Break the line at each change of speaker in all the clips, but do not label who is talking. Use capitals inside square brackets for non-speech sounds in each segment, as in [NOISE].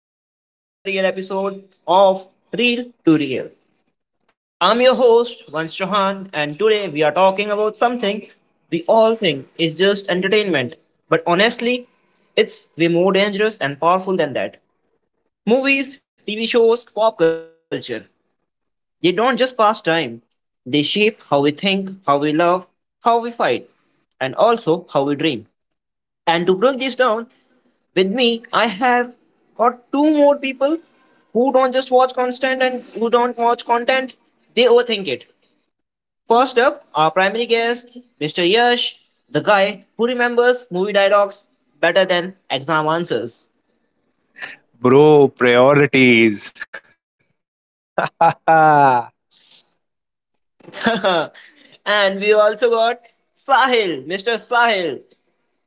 Welcome back to another real episode of Real to Real. I'm your host, Vansh Chauhan, and today we are talking about something we all think is just entertainment, but honestly, it's way more dangerous and powerful than that. Movies, TV shows, pop culture, they don't just pass time, they shape how we think, how we love, how we fight, and also how we dream. And to break this down, with me, I have got two more people who don't just watch content and who don't watch content, they overthink it. First up, our primary guest, Mr. Yash, the guy who remembers movie dialogues better than exam answers.
Bro, priorities.
[LAUGHS] And we also got Sahil, Mr. Sahil.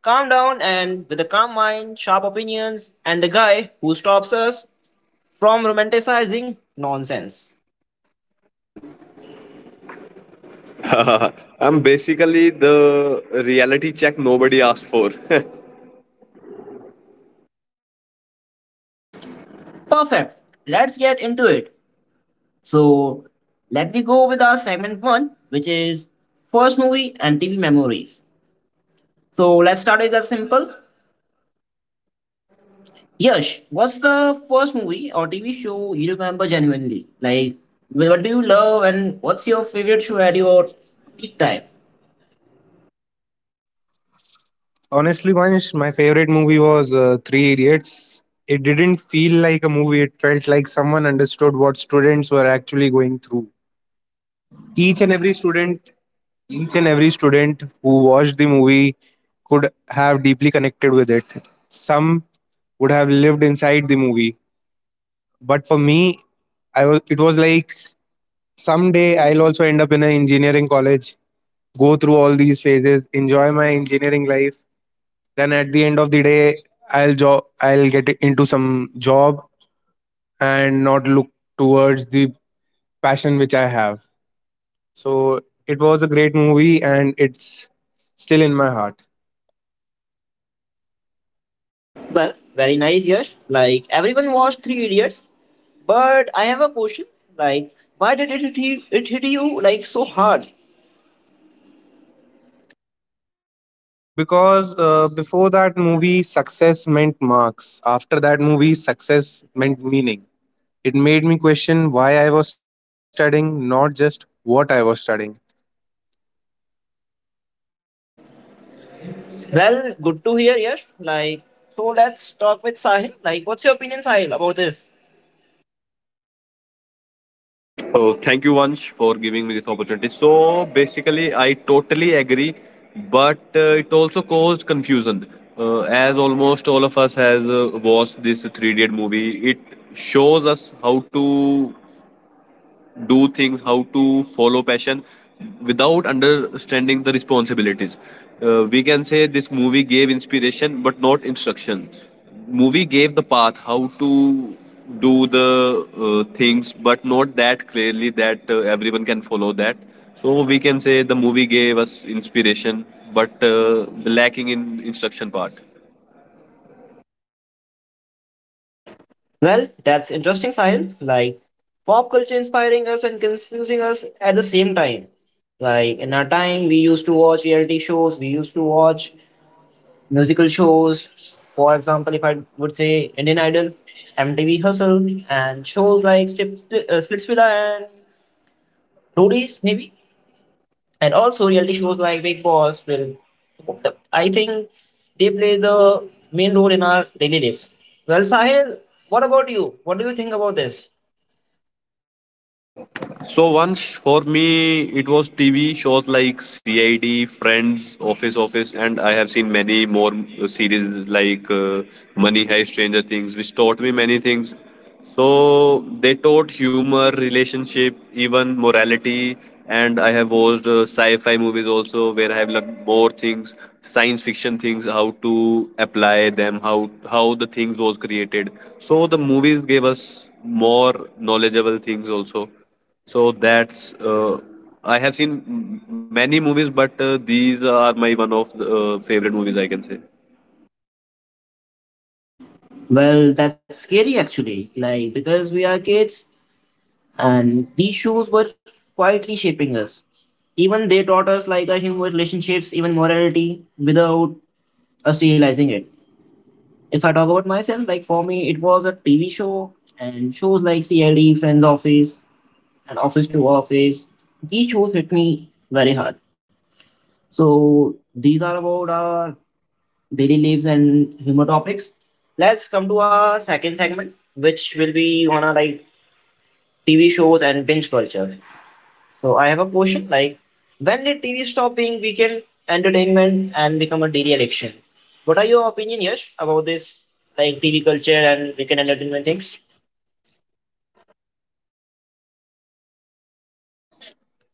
Calm down and with a calm mind, sharp opinions, and the guy who stops us from romanticizing nonsense.
[LAUGHS] Uh, I'm basically the reality check nobody asked for. [LAUGHS]
Perfect. Let's get into it. So Let me go with our segment one, which is first movie and TV memories. So let's start with that simple. Yash, what's the first movie or TV show you remember genuinely? Like, what do you love and what's your favorite show at your peak time?
Honestly, Vansh, my favorite movie was Three Idiots. It didn't feel like a movie, it felt like someone understood what students were actually going through. Each and every student, each and every student who watched the movie could have deeply connected with it. Some would have lived inside the movie. But for me, I was it was like someday I'll also end up in an engineering college go through all these phases, enjoy my engineering life. Then at the end of the day, I'll job I'll get into some job and not look towards the passion which I have. So it was a great movie and it's still in my heart
Well, very nice, Yash. Like, everyone watched Three Idiots, but I have a question. Like, why did it it hit you like so hard?
because before that movie success meant marks after that movie success meant meaning it made me question why I was studying not just what I was studying.
Well, good to hear, Yash. Like, so let's talk with Sahil. Like, what's your opinion, Sahil, about this?
Oh, thank you, Vansh, for giving me this opportunity. Basically, I totally agree, but it also caused confusion. As almost all of us has watched this three idiot movie, it shows us how to do things, how to follow passion without understanding the responsibilities. We can say this movie gave inspiration but not instruction. Movie gave the path how to do the things, but not that clearly that everyone can follow that. So we can say the movie gave us inspiration but lacking in instruction part.
Well, that's interesting, Sahil. Like, pop culture inspiring us and confusing us at the same time. Like, in our time, we used to watch reality shows, we used to watch musical shows. For example, if I would say Indian Idol, MTV Hustle, and shows like Splitsvilla and Roadies, maybe. And also reality shows like Big Boss will, I think, they play the main role in our daily lives. Well, Sahil, what about you? What do you think about this?
So once for me, it was TV shows like CID, Friends, Office, Office, and I have seen many more series like Money Heist, Stranger Things, which taught me many things. So they taught humor, relationship, even morality. And I have watched sci-fi movies also, where I have learned more things, science fiction things, how to apply them, how the things was created. So the movies gave us more knowledgeable things also. So that's I have seen many movies, but these are my one of the favorite movies I can say.
Well, that's scary actually, like because we are kids and these shows were quietly shaping us. Even they taught us like a human relationships, even morality without us realizing it. If I talk about myself, like for me, it was a TV show and shows like CLD, Friends Office, and office to office. These shows hit me very hard. So these are about our daily lives and humor topics. Let's come to our second segment, which will be on our like TV shows and binge culture. So I have a question like when did TV stop being weekend entertainment and become a daily addiction? What are your opinion, Yash, about this like TV culture and weekend entertainment things?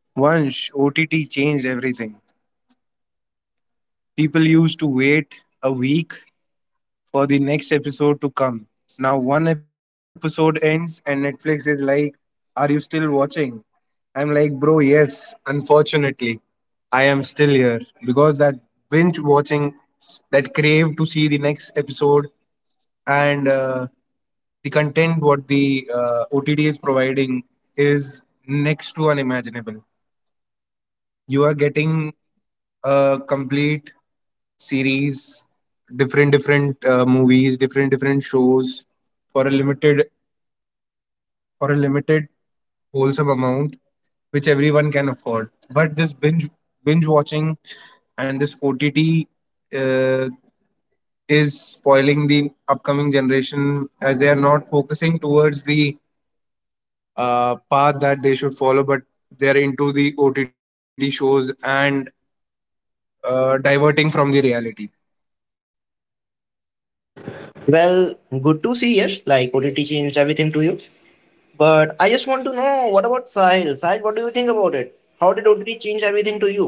Once OTT changed everything. People used to wait a week for the next episode to come. Now one episode ends and Netflix is like, "Are you still watching?" I'm like, "Bro, yes. Unfortunately, I am still here because that binge watching, that crave to see the next episode and the content what the OTT is providing is next to unimaginable. You are getting a complete series, different movies, different shows for a limited for a limited wholesome amount which everyone can afford. But this binge watching and this OTT uh, is spoiling the upcoming generation as they are not focusing towards the path that they should follow, but they are into the OTT shows and diverting from the reality.
Well, good to see Yash. Like OTT changed everything to you. But I just want to know what about Sahil? Sahil, what do you think about it? How did OTT change everything to you?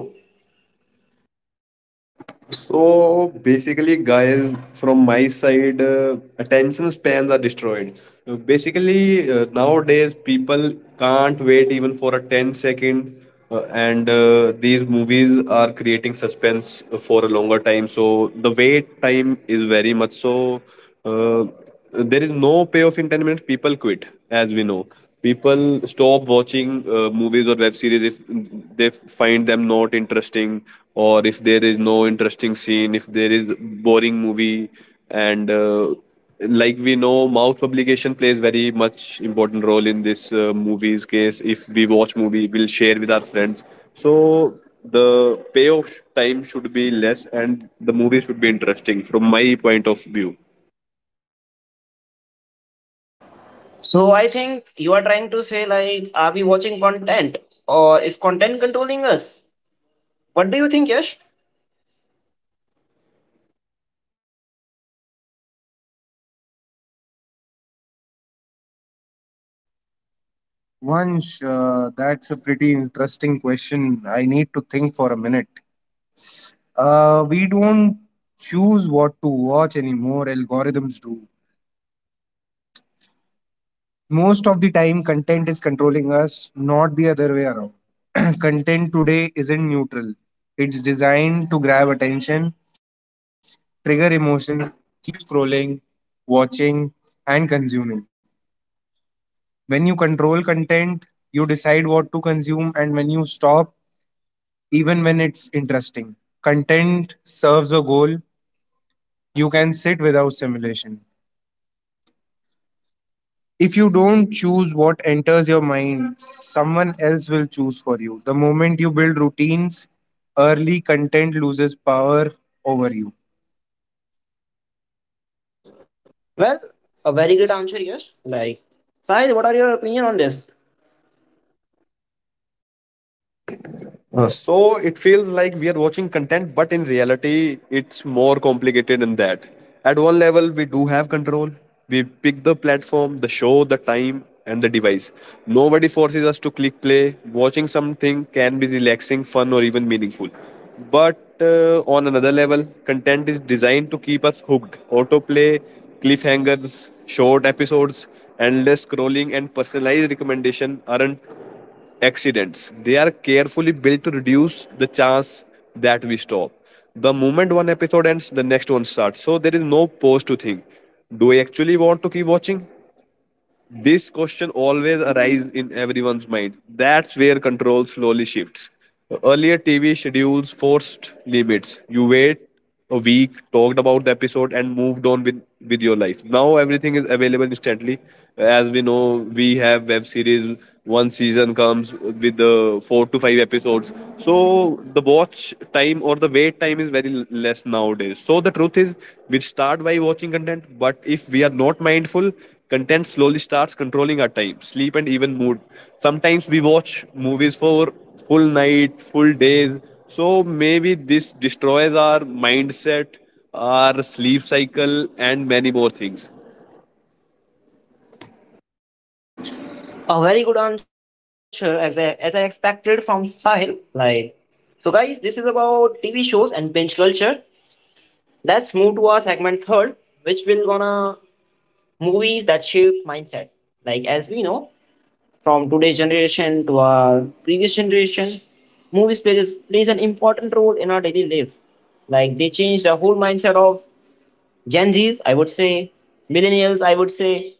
So basically, guys, from my side, attention spans are destroyed. Basically, nowadays people can't wait even for a 10 second, and these movies are creating suspense for a longer time. So the wait time is very much so. Uh, there is no payoff in 10 minutes, people quit. As we know, people stop watching movies or web series if they find them not interesting, or if there is no interesting scene, if there is boring movie. And Like we know, mouth publication plays very much important role in this movies case. If we watch movie, we'll share with our friends. So the payoff time should be less and the movie should be interesting from my point of view.
So I think you are trying to say like, are we watching content or is content controlling us? What do you think, Yash?
Vansh, that's a pretty interesting question. I need to think for a minute. We don't choose what to watch anymore, algorithms do. Most of the time, content is controlling us, not the other way around. [CLEARS THROAT] Content today isn't neutral, it's designed to grab attention, trigger emotion, keep you scrolling, watching, and consuming. When you control content, you decide what to consume, and when you stop, even when it's interesting. Content serves a goal. You can sit without simulation. If you don't choose what enters your mind, someone else will choose for you. The moment you build routines, early content loses power over you.
Well, a very good answer, Yash. Like, Sahil, what are your opinion on this?
So it feels like we are watching content, but in reality, it's more complicated than that. At one level, we do have control. We pick the platform, the show, the time, and the device. Nobody forces us to click play. Watching something can be relaxing, fun, or even meaningful. But on another level, content is designed to keep us hooked. Autoplay, cliffhangers, short episodes, endless scrolling, and personalized recommendation aren't accidents. They are carefully built to reduce the chance that we stop. The moment one episode ends, the next one starts. So there is no pause to think. Do I actually want to keep watching? This question always arises in everyone's mind. That's where control slowly shifts. Earlier, TV schedules forced limits. You wait a week, talked about the episode, and moved on with your life. Now, everything is available instantly. As we know, we have web series, one season comes with the four to five episodes. So, the watch time or the wait time is very less nowadays. So the truth is, we start by watching content, but if we are not mindful, content slowly starts controlling our time, sleep, and even mood. Sometimes we watch movies for full night, full days. So maybe this destroys our mindset, our sleep cycle, and many more things.
A very good answer, as I expected from Sahil. Like, so guys, this is about TV shows and binge culture. Let's move to our segment third, which will gonna movies that shape mindset. Like as we know, from today's generation to our previous generation, movies plays an important role in our daily life. Like they change the whole mindset of Gen Zs, I would say, millennials, I would say.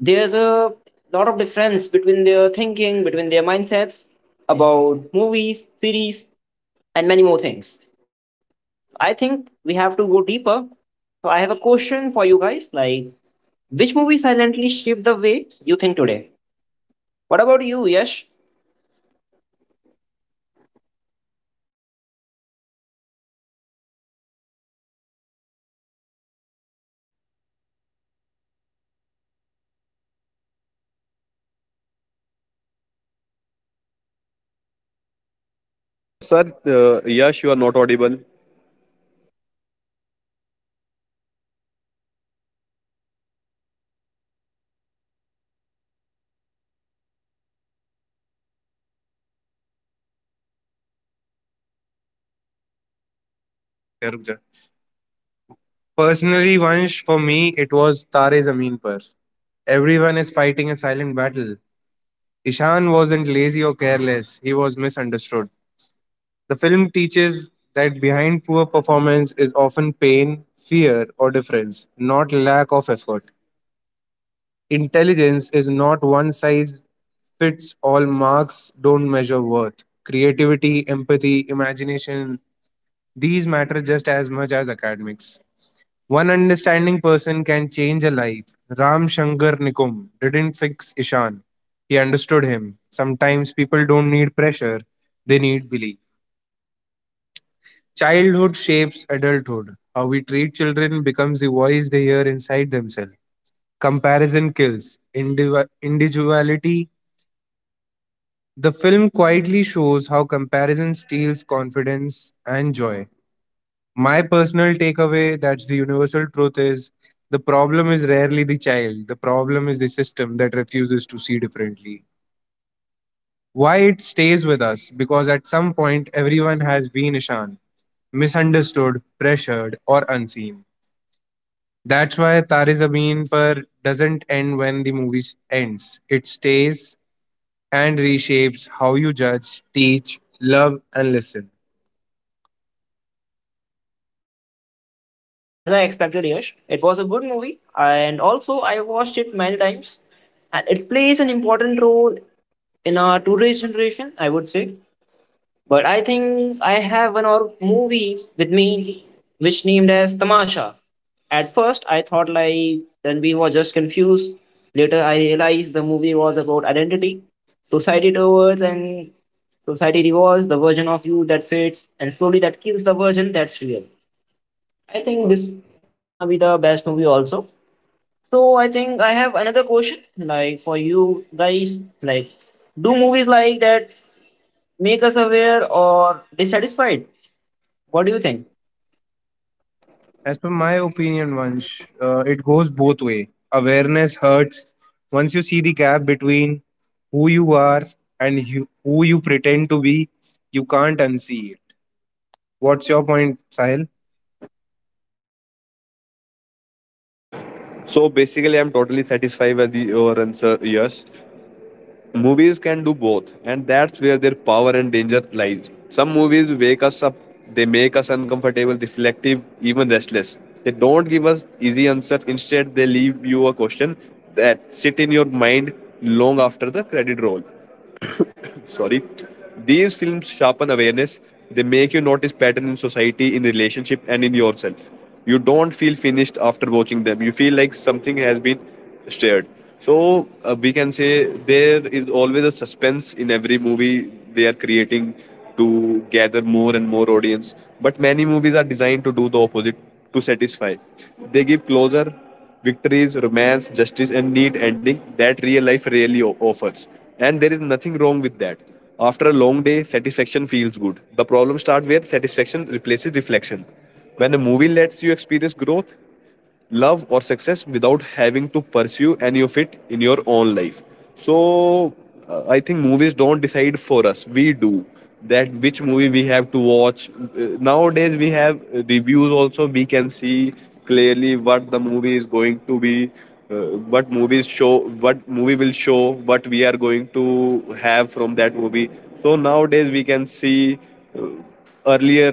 There's a lot of difference between their thinking, between their mindsets about movies, series, and many more things. I think we have to go deeper. So I have a question for you guys. Like, which movie silently shaped the way you think today? What about you, Yash?
Personally, for me, once it was Tare Zabeen Par. As we saw the movie, everyone is fighting a silent battle. Ishan, Ishan wasn't lazy
Sir,
or
yes, you are not
careless.
audible.
Once, personally, for me, it was तारे zameen par. क्या रुक जा. Personally, Vansh, for me, it was Tare Zameen Par. Everyone is fighting a silent battle. Ishan wasn't lazy or careless, he was misunderstood. The film teaches that behind poor performance is often pain, fear, or difference, not lack of effort. Intelligence is not one size fits all, marks don't measure worth. Creativity, empathy, imagination, these matter just as much as academics. One understanding person can change a life. Ram Shankar Nikum didn't fix Ishan. He understood him. Sometimes people don't need pressure, they need belief. Childhood shapes adulthood. How we treat children becomes the voice they hear inside themselves. Comparison kills individuality. The film quietly shows how comparison steals confidence and joy. My personal takeaway that's the universal truth is the problem is rarely the child, the problem is the system that refuses to see differently. Why it stays with us? Because at some point, everyone has been Ishan, misunderstood, pressured, or unseen. That's why Tare Zameen Par doesn't end when the ends. It stays and reshapes how you judge, teach, love, and listen.
As I expected, Yash, it was a good movie, and also I watched it many times, and it plays an important role in our today's generation, I would say. But I think I have one or movie with me which named as Tamasha. At first, I thought like then we were just confused. Later, I realized the movie was about identity, society towards, and society rewards the version of you that fits, and slowly that kills the version that's real. I think this will gonna be the best movie also. So I think I have another question, like for you guys, like do movies like that make us aware or dissatisfied? What do you think?
As per my opinion, Vansh, it goes both way. Awareness hurts. Once you see the gap between who you are and you, who you pretend to be, you can't unsee it. What's your point, Sahil?
So basically, I'm totally satisfied with your answer. Yes, movies can do both, and that's where their power and danger lies. Some movies wake us up, they make us uncomfortable, reflective, even restless. They don't give us easy answers, instead, they leave you a question that sit in your mind long after the credit roll. Sorry, these films sharpen awareness, they make you notice pattern in society, in relationship, and in yourself. You don't feel finished after watching them, you feel like something has been stirred. So we can say there is always a suspense in every movie they are creating to gather more and more audience. But many movies are designed to do the opposite, to satisfy. They give closure, victories, romance, justice, and neat ending that real life really offers. And there is nothing wrong with that. After a long day, satisfaction feels good. The problem starts where satisfaction replaces reflection. When a movie lets you experience growth, love or success without having to pursue any of it in your own life. So uh, i think movies don't decide for us, we do, that which movie we have to watch. Nowadays we have reviews also, we can see clearly what the movie is going to be, uh, what movies show, what movie will show, what we are going to have from that movie. So nowadays we can see, uh, earlier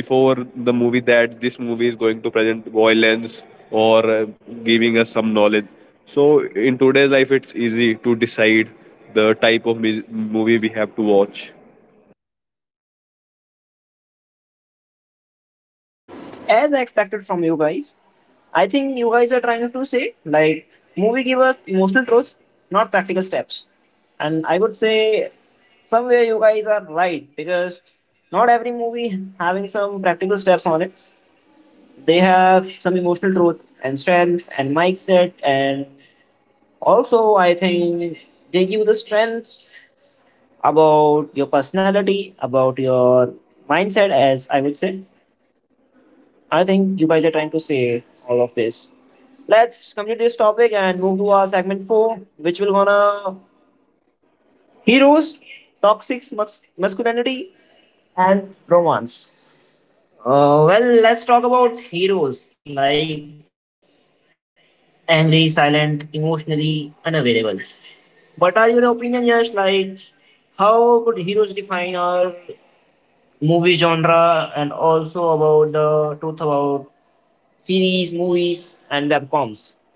before the movie, that this movie is going to present violence or giving us some knowledge. So in today's life, it's easy to decide the type of movie we have to watch.
As I expected from you guys. I think you guys are trying to say like movie give us emotional truths, not practical steps. And I would say somewhere you guys are right because not every movie having some practical steps on it. They have some emotional truth and strengths and mindset and also I think they give the strengths about your personality, about your mindset as I would say. I think you guys are trying to say all of this. Let's complete this topic and move to our segment four, which will gonna heroes, masculinity, and romance. Well, let's talk about heroes like angry, silent, emotionally unavailable. What are your opinion, Yash? Like, how could heroes define our movie genre and also about the truth about series, movies, and webcoms?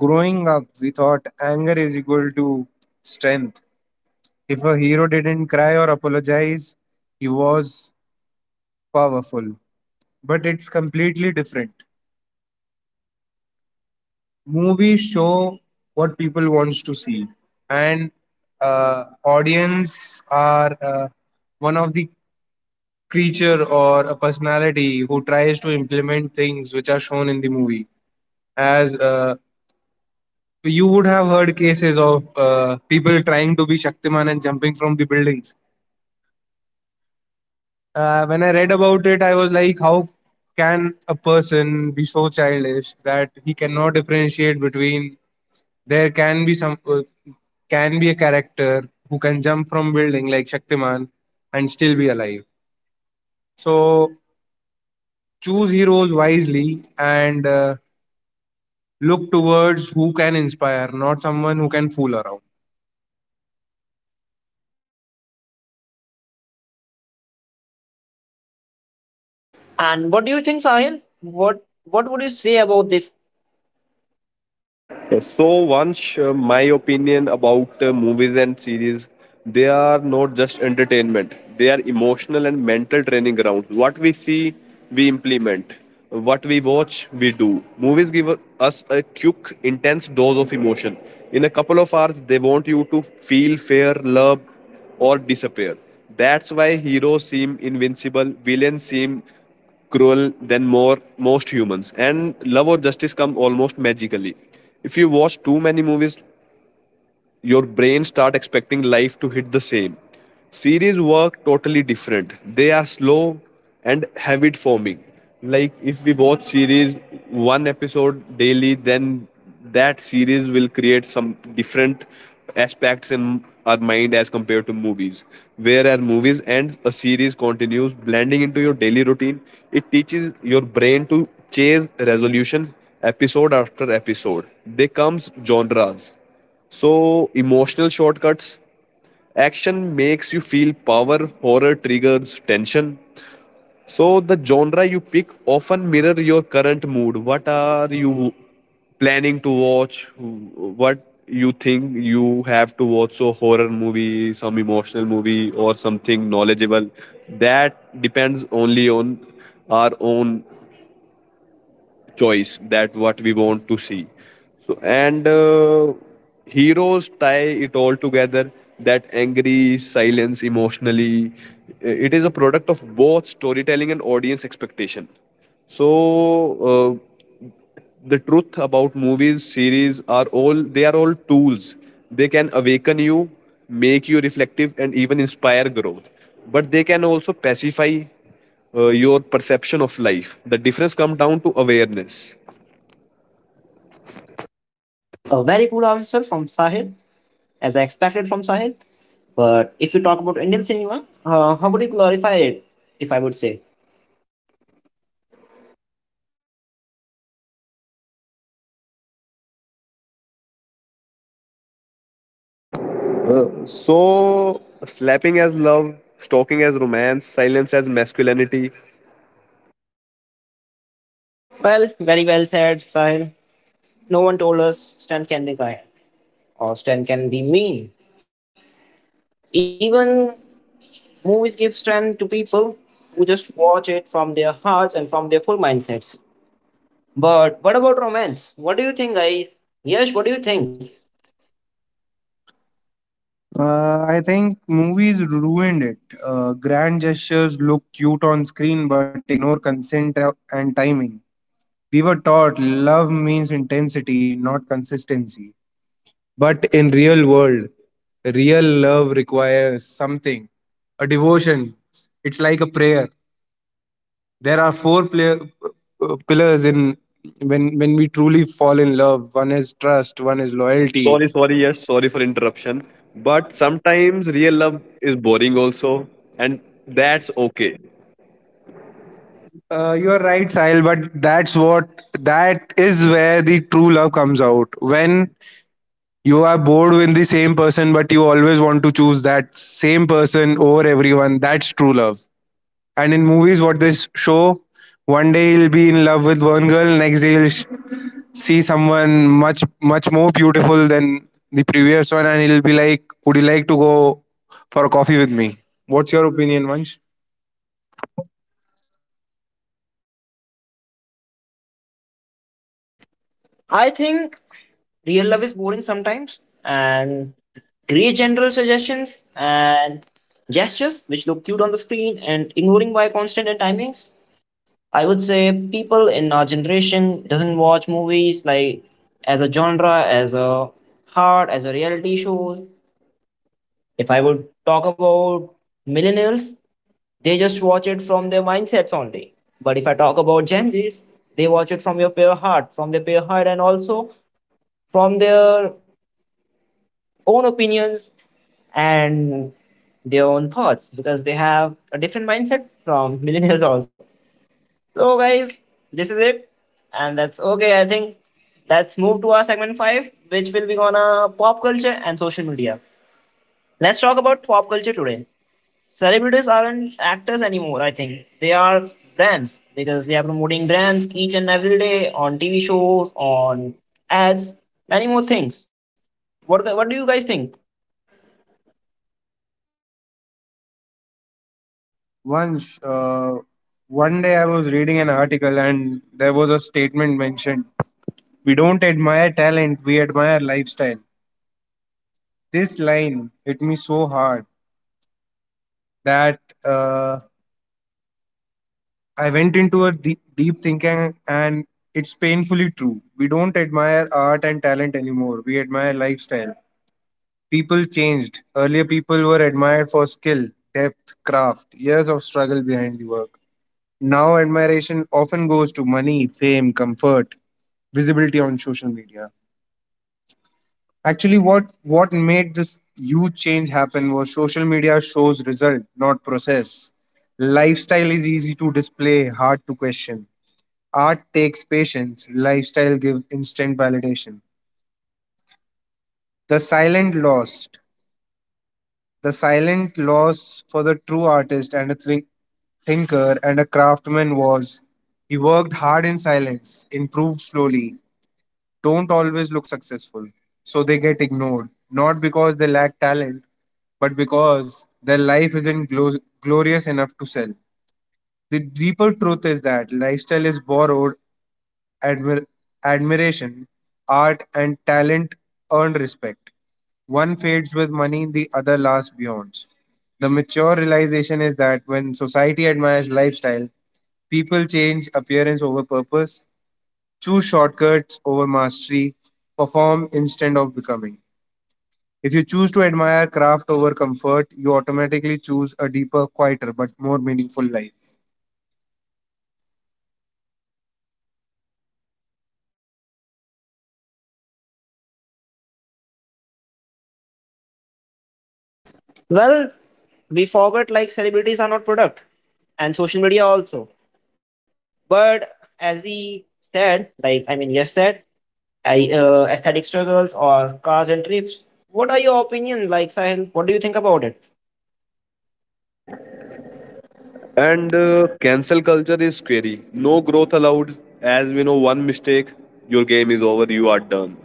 Growing up, we thought anger is equal to strength. If a hero didn't cry or apologize, he was powerful. But it's completely different. Movies show what people wants to see and audience are one of the creature or a personality who tries to implement things which are shown in the movie as you would have heard cases of people trying to be shaktiman and jumping from the buildings when I read about it I was like how can a person be so childish that he cannot differentiate between. There can be some can be a character who can jump from building like Shaktiman and still be alive. So choose heroes wisely and look towards who can inspire, not someone who can fool around.
And what do you think, Sahil? What would you say about this?
So, once My opinion about movies and series, they are not just entertainment, they are emotional and mental training grounds. What we see, we implement. What we watch, we do. Movies give us a quick, intense dose of emotion. In a couple of hours, they want you to feel fear, love, or disappear. That's why heroes seem invincible, villains seem cruel than more most humans, and love or justice come almost magically. If you watch too many movies, your brain start expecting life to hit the same. Series work totally different, they are slow and habit forming. Like if we watch series one episode daily, then that series will create some different aspects in our mind as compared to movies. Whereas movies and a series continues blending into your daily routine, it teaches your brain to chase resolution episode after episode. They comes genres, so, emotional shortcuts. Action makes you feel power, horror triggers tension. So, the genre you pick often mirror your current mood. What are you planning to watch? What you think you have to watch? So, horror movie, some emotional movie, or something knowledgeable. That depends only on our own choice, that what we want to see. So and Heroes tie it all together, that angry silence emotionally. It is a product of both storytelling and audience expectation. so uh, the truth about movies series are all, they are all tools. They can awaken you, make you reflective and even inspire growth, but they can also pacify your perception of life. The difference comes down to awareness.
A very cool answer from Sahil, as I expected from Sahil. But if you talk about Indian cinema, how would you glorify it? If I would say,
So, slapping as love, stalking as romance, silence as masculinity.
well, very well said, Sahil. No one told us strength can be kind or strength can be mean. Even movies give strength to people who just watch it from their hearts and from their full mindsets. But what about romance? What do you think, guys? Yes, what do you think?
I think movies ruined it. Grand gestures look cute on screen but ignore consent and timing. We were taught love means intensity, not consistency. But in real world, real love requires something, a devotion. It's like a prayer. There are four pillars in when we truly fall in love. One is trust. One is loyalty.
Yes, sorry for interruption. But sometimes real love is boring also, and that's okay.
You're right, Sahil, but that's what that is where the true love comes out. When you are bored with the same person, but you always want to choose that same person over everyone, that's true love. And in movies, what they show, one day he'll be in love with one girl, next day he'll see someone much much more beautiful than the previous one, and he'll be like, "Would you like to go for a coffee with me?" What's your opinion, Vansh?
I think real love is boring sometimes and great general suggestions and gestures which look cute on the screen and ignoring by constant and timings, I would say people in our generation doesn't watch movies like as a genre as a heart as a reality show. If I would talk about millennials, they just watch it from their mindsets only, but if I talk about Gen Z's, they watch it from your pure heart, from their pure heart, and also from their own opinions and their own thoughts because they have a different mindset from [LAUGHS] millennials also. So, guys, this is it, and that's okay. I think let's move to our segment five, which will be gonna pop culture and social media. Let's talk about pop culture today. Celebrities aren't actors anymore. I think they are brands because they are promoting brands each and every day on TV shows, on ads, many more things. What do you guys think?
Vansh, uh, one day I was reading an article and there was a statement mentioned: "We don't admire talent, we admire lifestyle." This line hit me so hard that. Uh, I went into a deep, deep thinking, and it's painfully true. We don't admire art and talent anymore. We admire lifestyle. People changed. Earlier, people were admired for skill, depth, craft, years of struggle behind the work. Now, admiration often goes to money, fame, comfort, visibility on social media. Actually, what made this huge change happen was social media shows result, not process. Lifestyle is easy to display, hard to question. Art takes patience, lifestyle gives instant validation. The silent lost. The silent loss for the true artist and a thinker and a craftsman was he worked hard in silence, improved slowly, don't always look successful. So they get ignored, not because they lack talent, but because their life isn't glorious enough to sell. The deeper truth is that lifestyle is borrowed admir- admiration, art, and talent earn respect. One fades with money, the other lasts beyond. The mature realization is that when society admires lifestyle, people change appearance over purpose, choose shortcuts over mastery, perform instead of becoming. If you choose to admire craft over comfort, you automatically choose a deeper, quieter, but more meaningful life.
Well, we forgot like celebrities are not product and social media also. But as we said, like I mean, yes said, I aesthetic struggles or cars and trips. What are your opinion, like Sahil? What do you think about it?
And Cancel culture is scary. No growth allowed. As we know, one mistake, your game is over, you are done.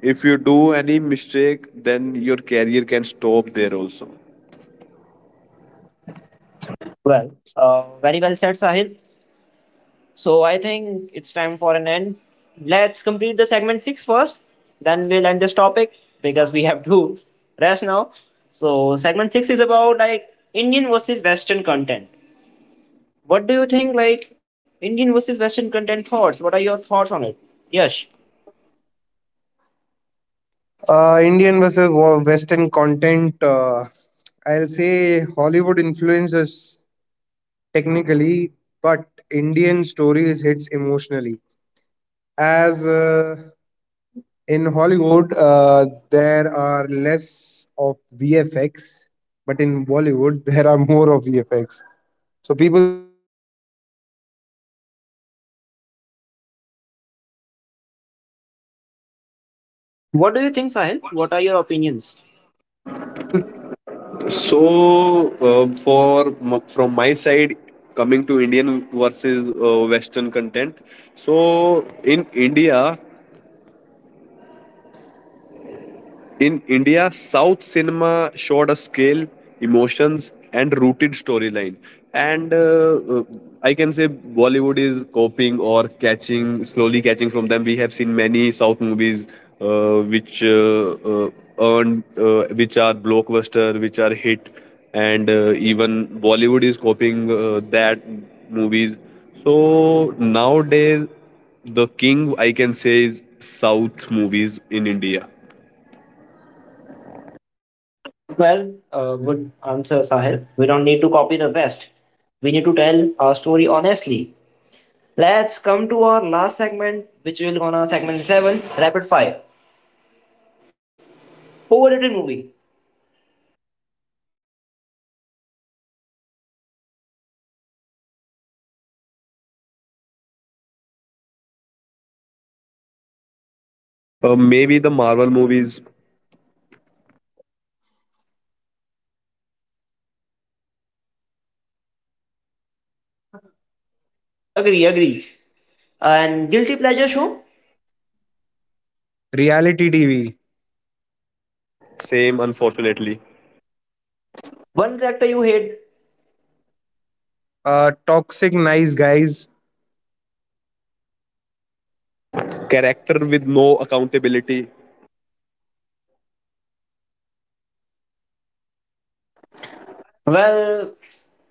If you do any mistake, then your career can stop there also.
Well, very well said, Sahil. So I think it's time for an end. Let's complete the segment six first. Then we'll end this topic because we have to rest now. So segment six is about like Indian versus Western content. What do you think, like Indian versus Western content thoughts? What are your thoughts on it? Yes.
Indian versus Western content. I'll say Hollywood influences technically, but Indian stories hits emotionally. As in Hollywood, there are less of VFX, but in Bollywood, [LAUGHS] there are more of VFX. So people think that a person can perform a certain stunt.
What do you think, Sahil? What are your opinions?
So, from my side, coming to Indian versus Western content. So, in India, South cinema showed a scale, emotions, and rooted storyline. And I can say Bollywood is copying or catching, slowly catching from them. We have seen many South movies which uh, earned, which are blockbuster, which are hit, and even Bollywood is copying that movies. So nowadays, the king I can say is South movies in India.
Well, good answer, Sahil. We don't need to copy the West. We need to tell our story honestly. Let's come to our last segment, which will gonna segment seven, rapid fire. Overrated movie.
I think [LAUGHS] it would be some of the Marvel movies, I'll say. What's your opinion, guys?
Maybe the Marvel movies,
[LAUGHS] Agree, agree. And guilty pleasure show.
Reality TV,
same unfortunately.
One character you hate.
toxic nice guys.
Character with no accountability.
Well,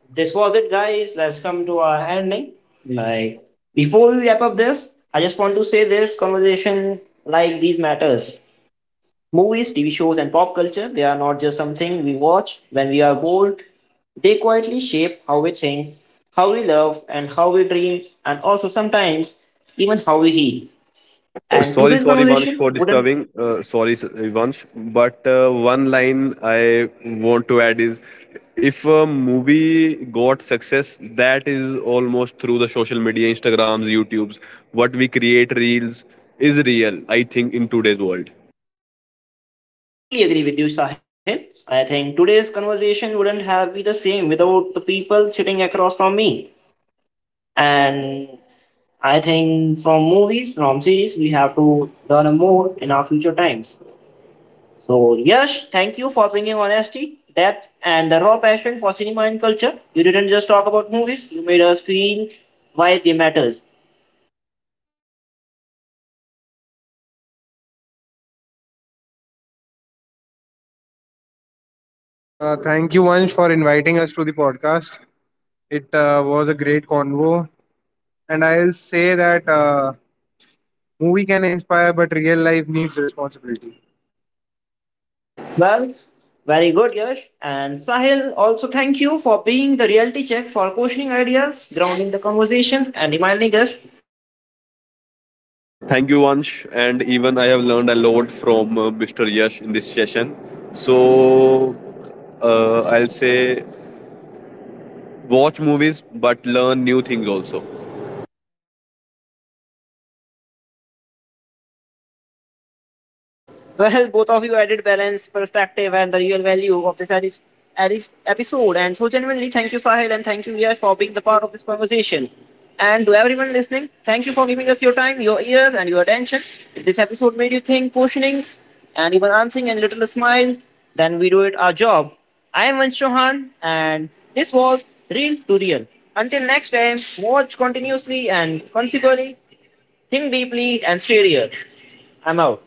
this was it, guys. Let's come to our ending. Like before we wrap up this, I just want to say this conversation like these matters. Movies, TV shows, and pop culture, they are not just something we watch when we are bored. They quietly shape how we think, how we love, and how we dream, and also sometimes even how we heal. And today's
Vansh, for
conversation
disturbing.
wouldn't
Sorry, Vansh. But one line I want to add is, if a movie got success, that is almost through the social media, Instagrams, YouTubes. What we create, reels, is real, I think, in today's world.
totally agree with you, Sahib. I think today's conversation wouldn't have be the same without the people sitting across from me. And I think from movies, from series, we have to learn more in our future times. So, Yash, thank you for bringing honesty, depth, and the raw passion for cinema and culture. You didn't just talk about movies, you made us feel why they matters.
Thank you, Vansh, for inviting us to the podcast. It was a great convo, and I'll say that movie can inspire, but real life needs responsibility.
Well, very good, Yash. And Sahil, also thank you for being the reality check for questioning ideas, grounding the conversations, and reminding us that not everything on screen
Thank you, Vansh. And even I
should
have
be
learned a
blindly
lot
followed.
from Mr. Yash in this session. So, I'll say watch movies but learn new things also.
Well, both of you added balance, perspective, and the real value of this episode. And so, genuinely, thank you, Sahil, and thank you, Yash, for being the part of this conversation. And to everyone listening, thank you for giving us your time, your ears, and your attention. If this episode made you think, questioning, and even answering and little smile, then we do it our job. I am Vansh Chauhan, and this was Real to Real. Until next time, watch continuously and consequently, think deeply and stay real. I'm out.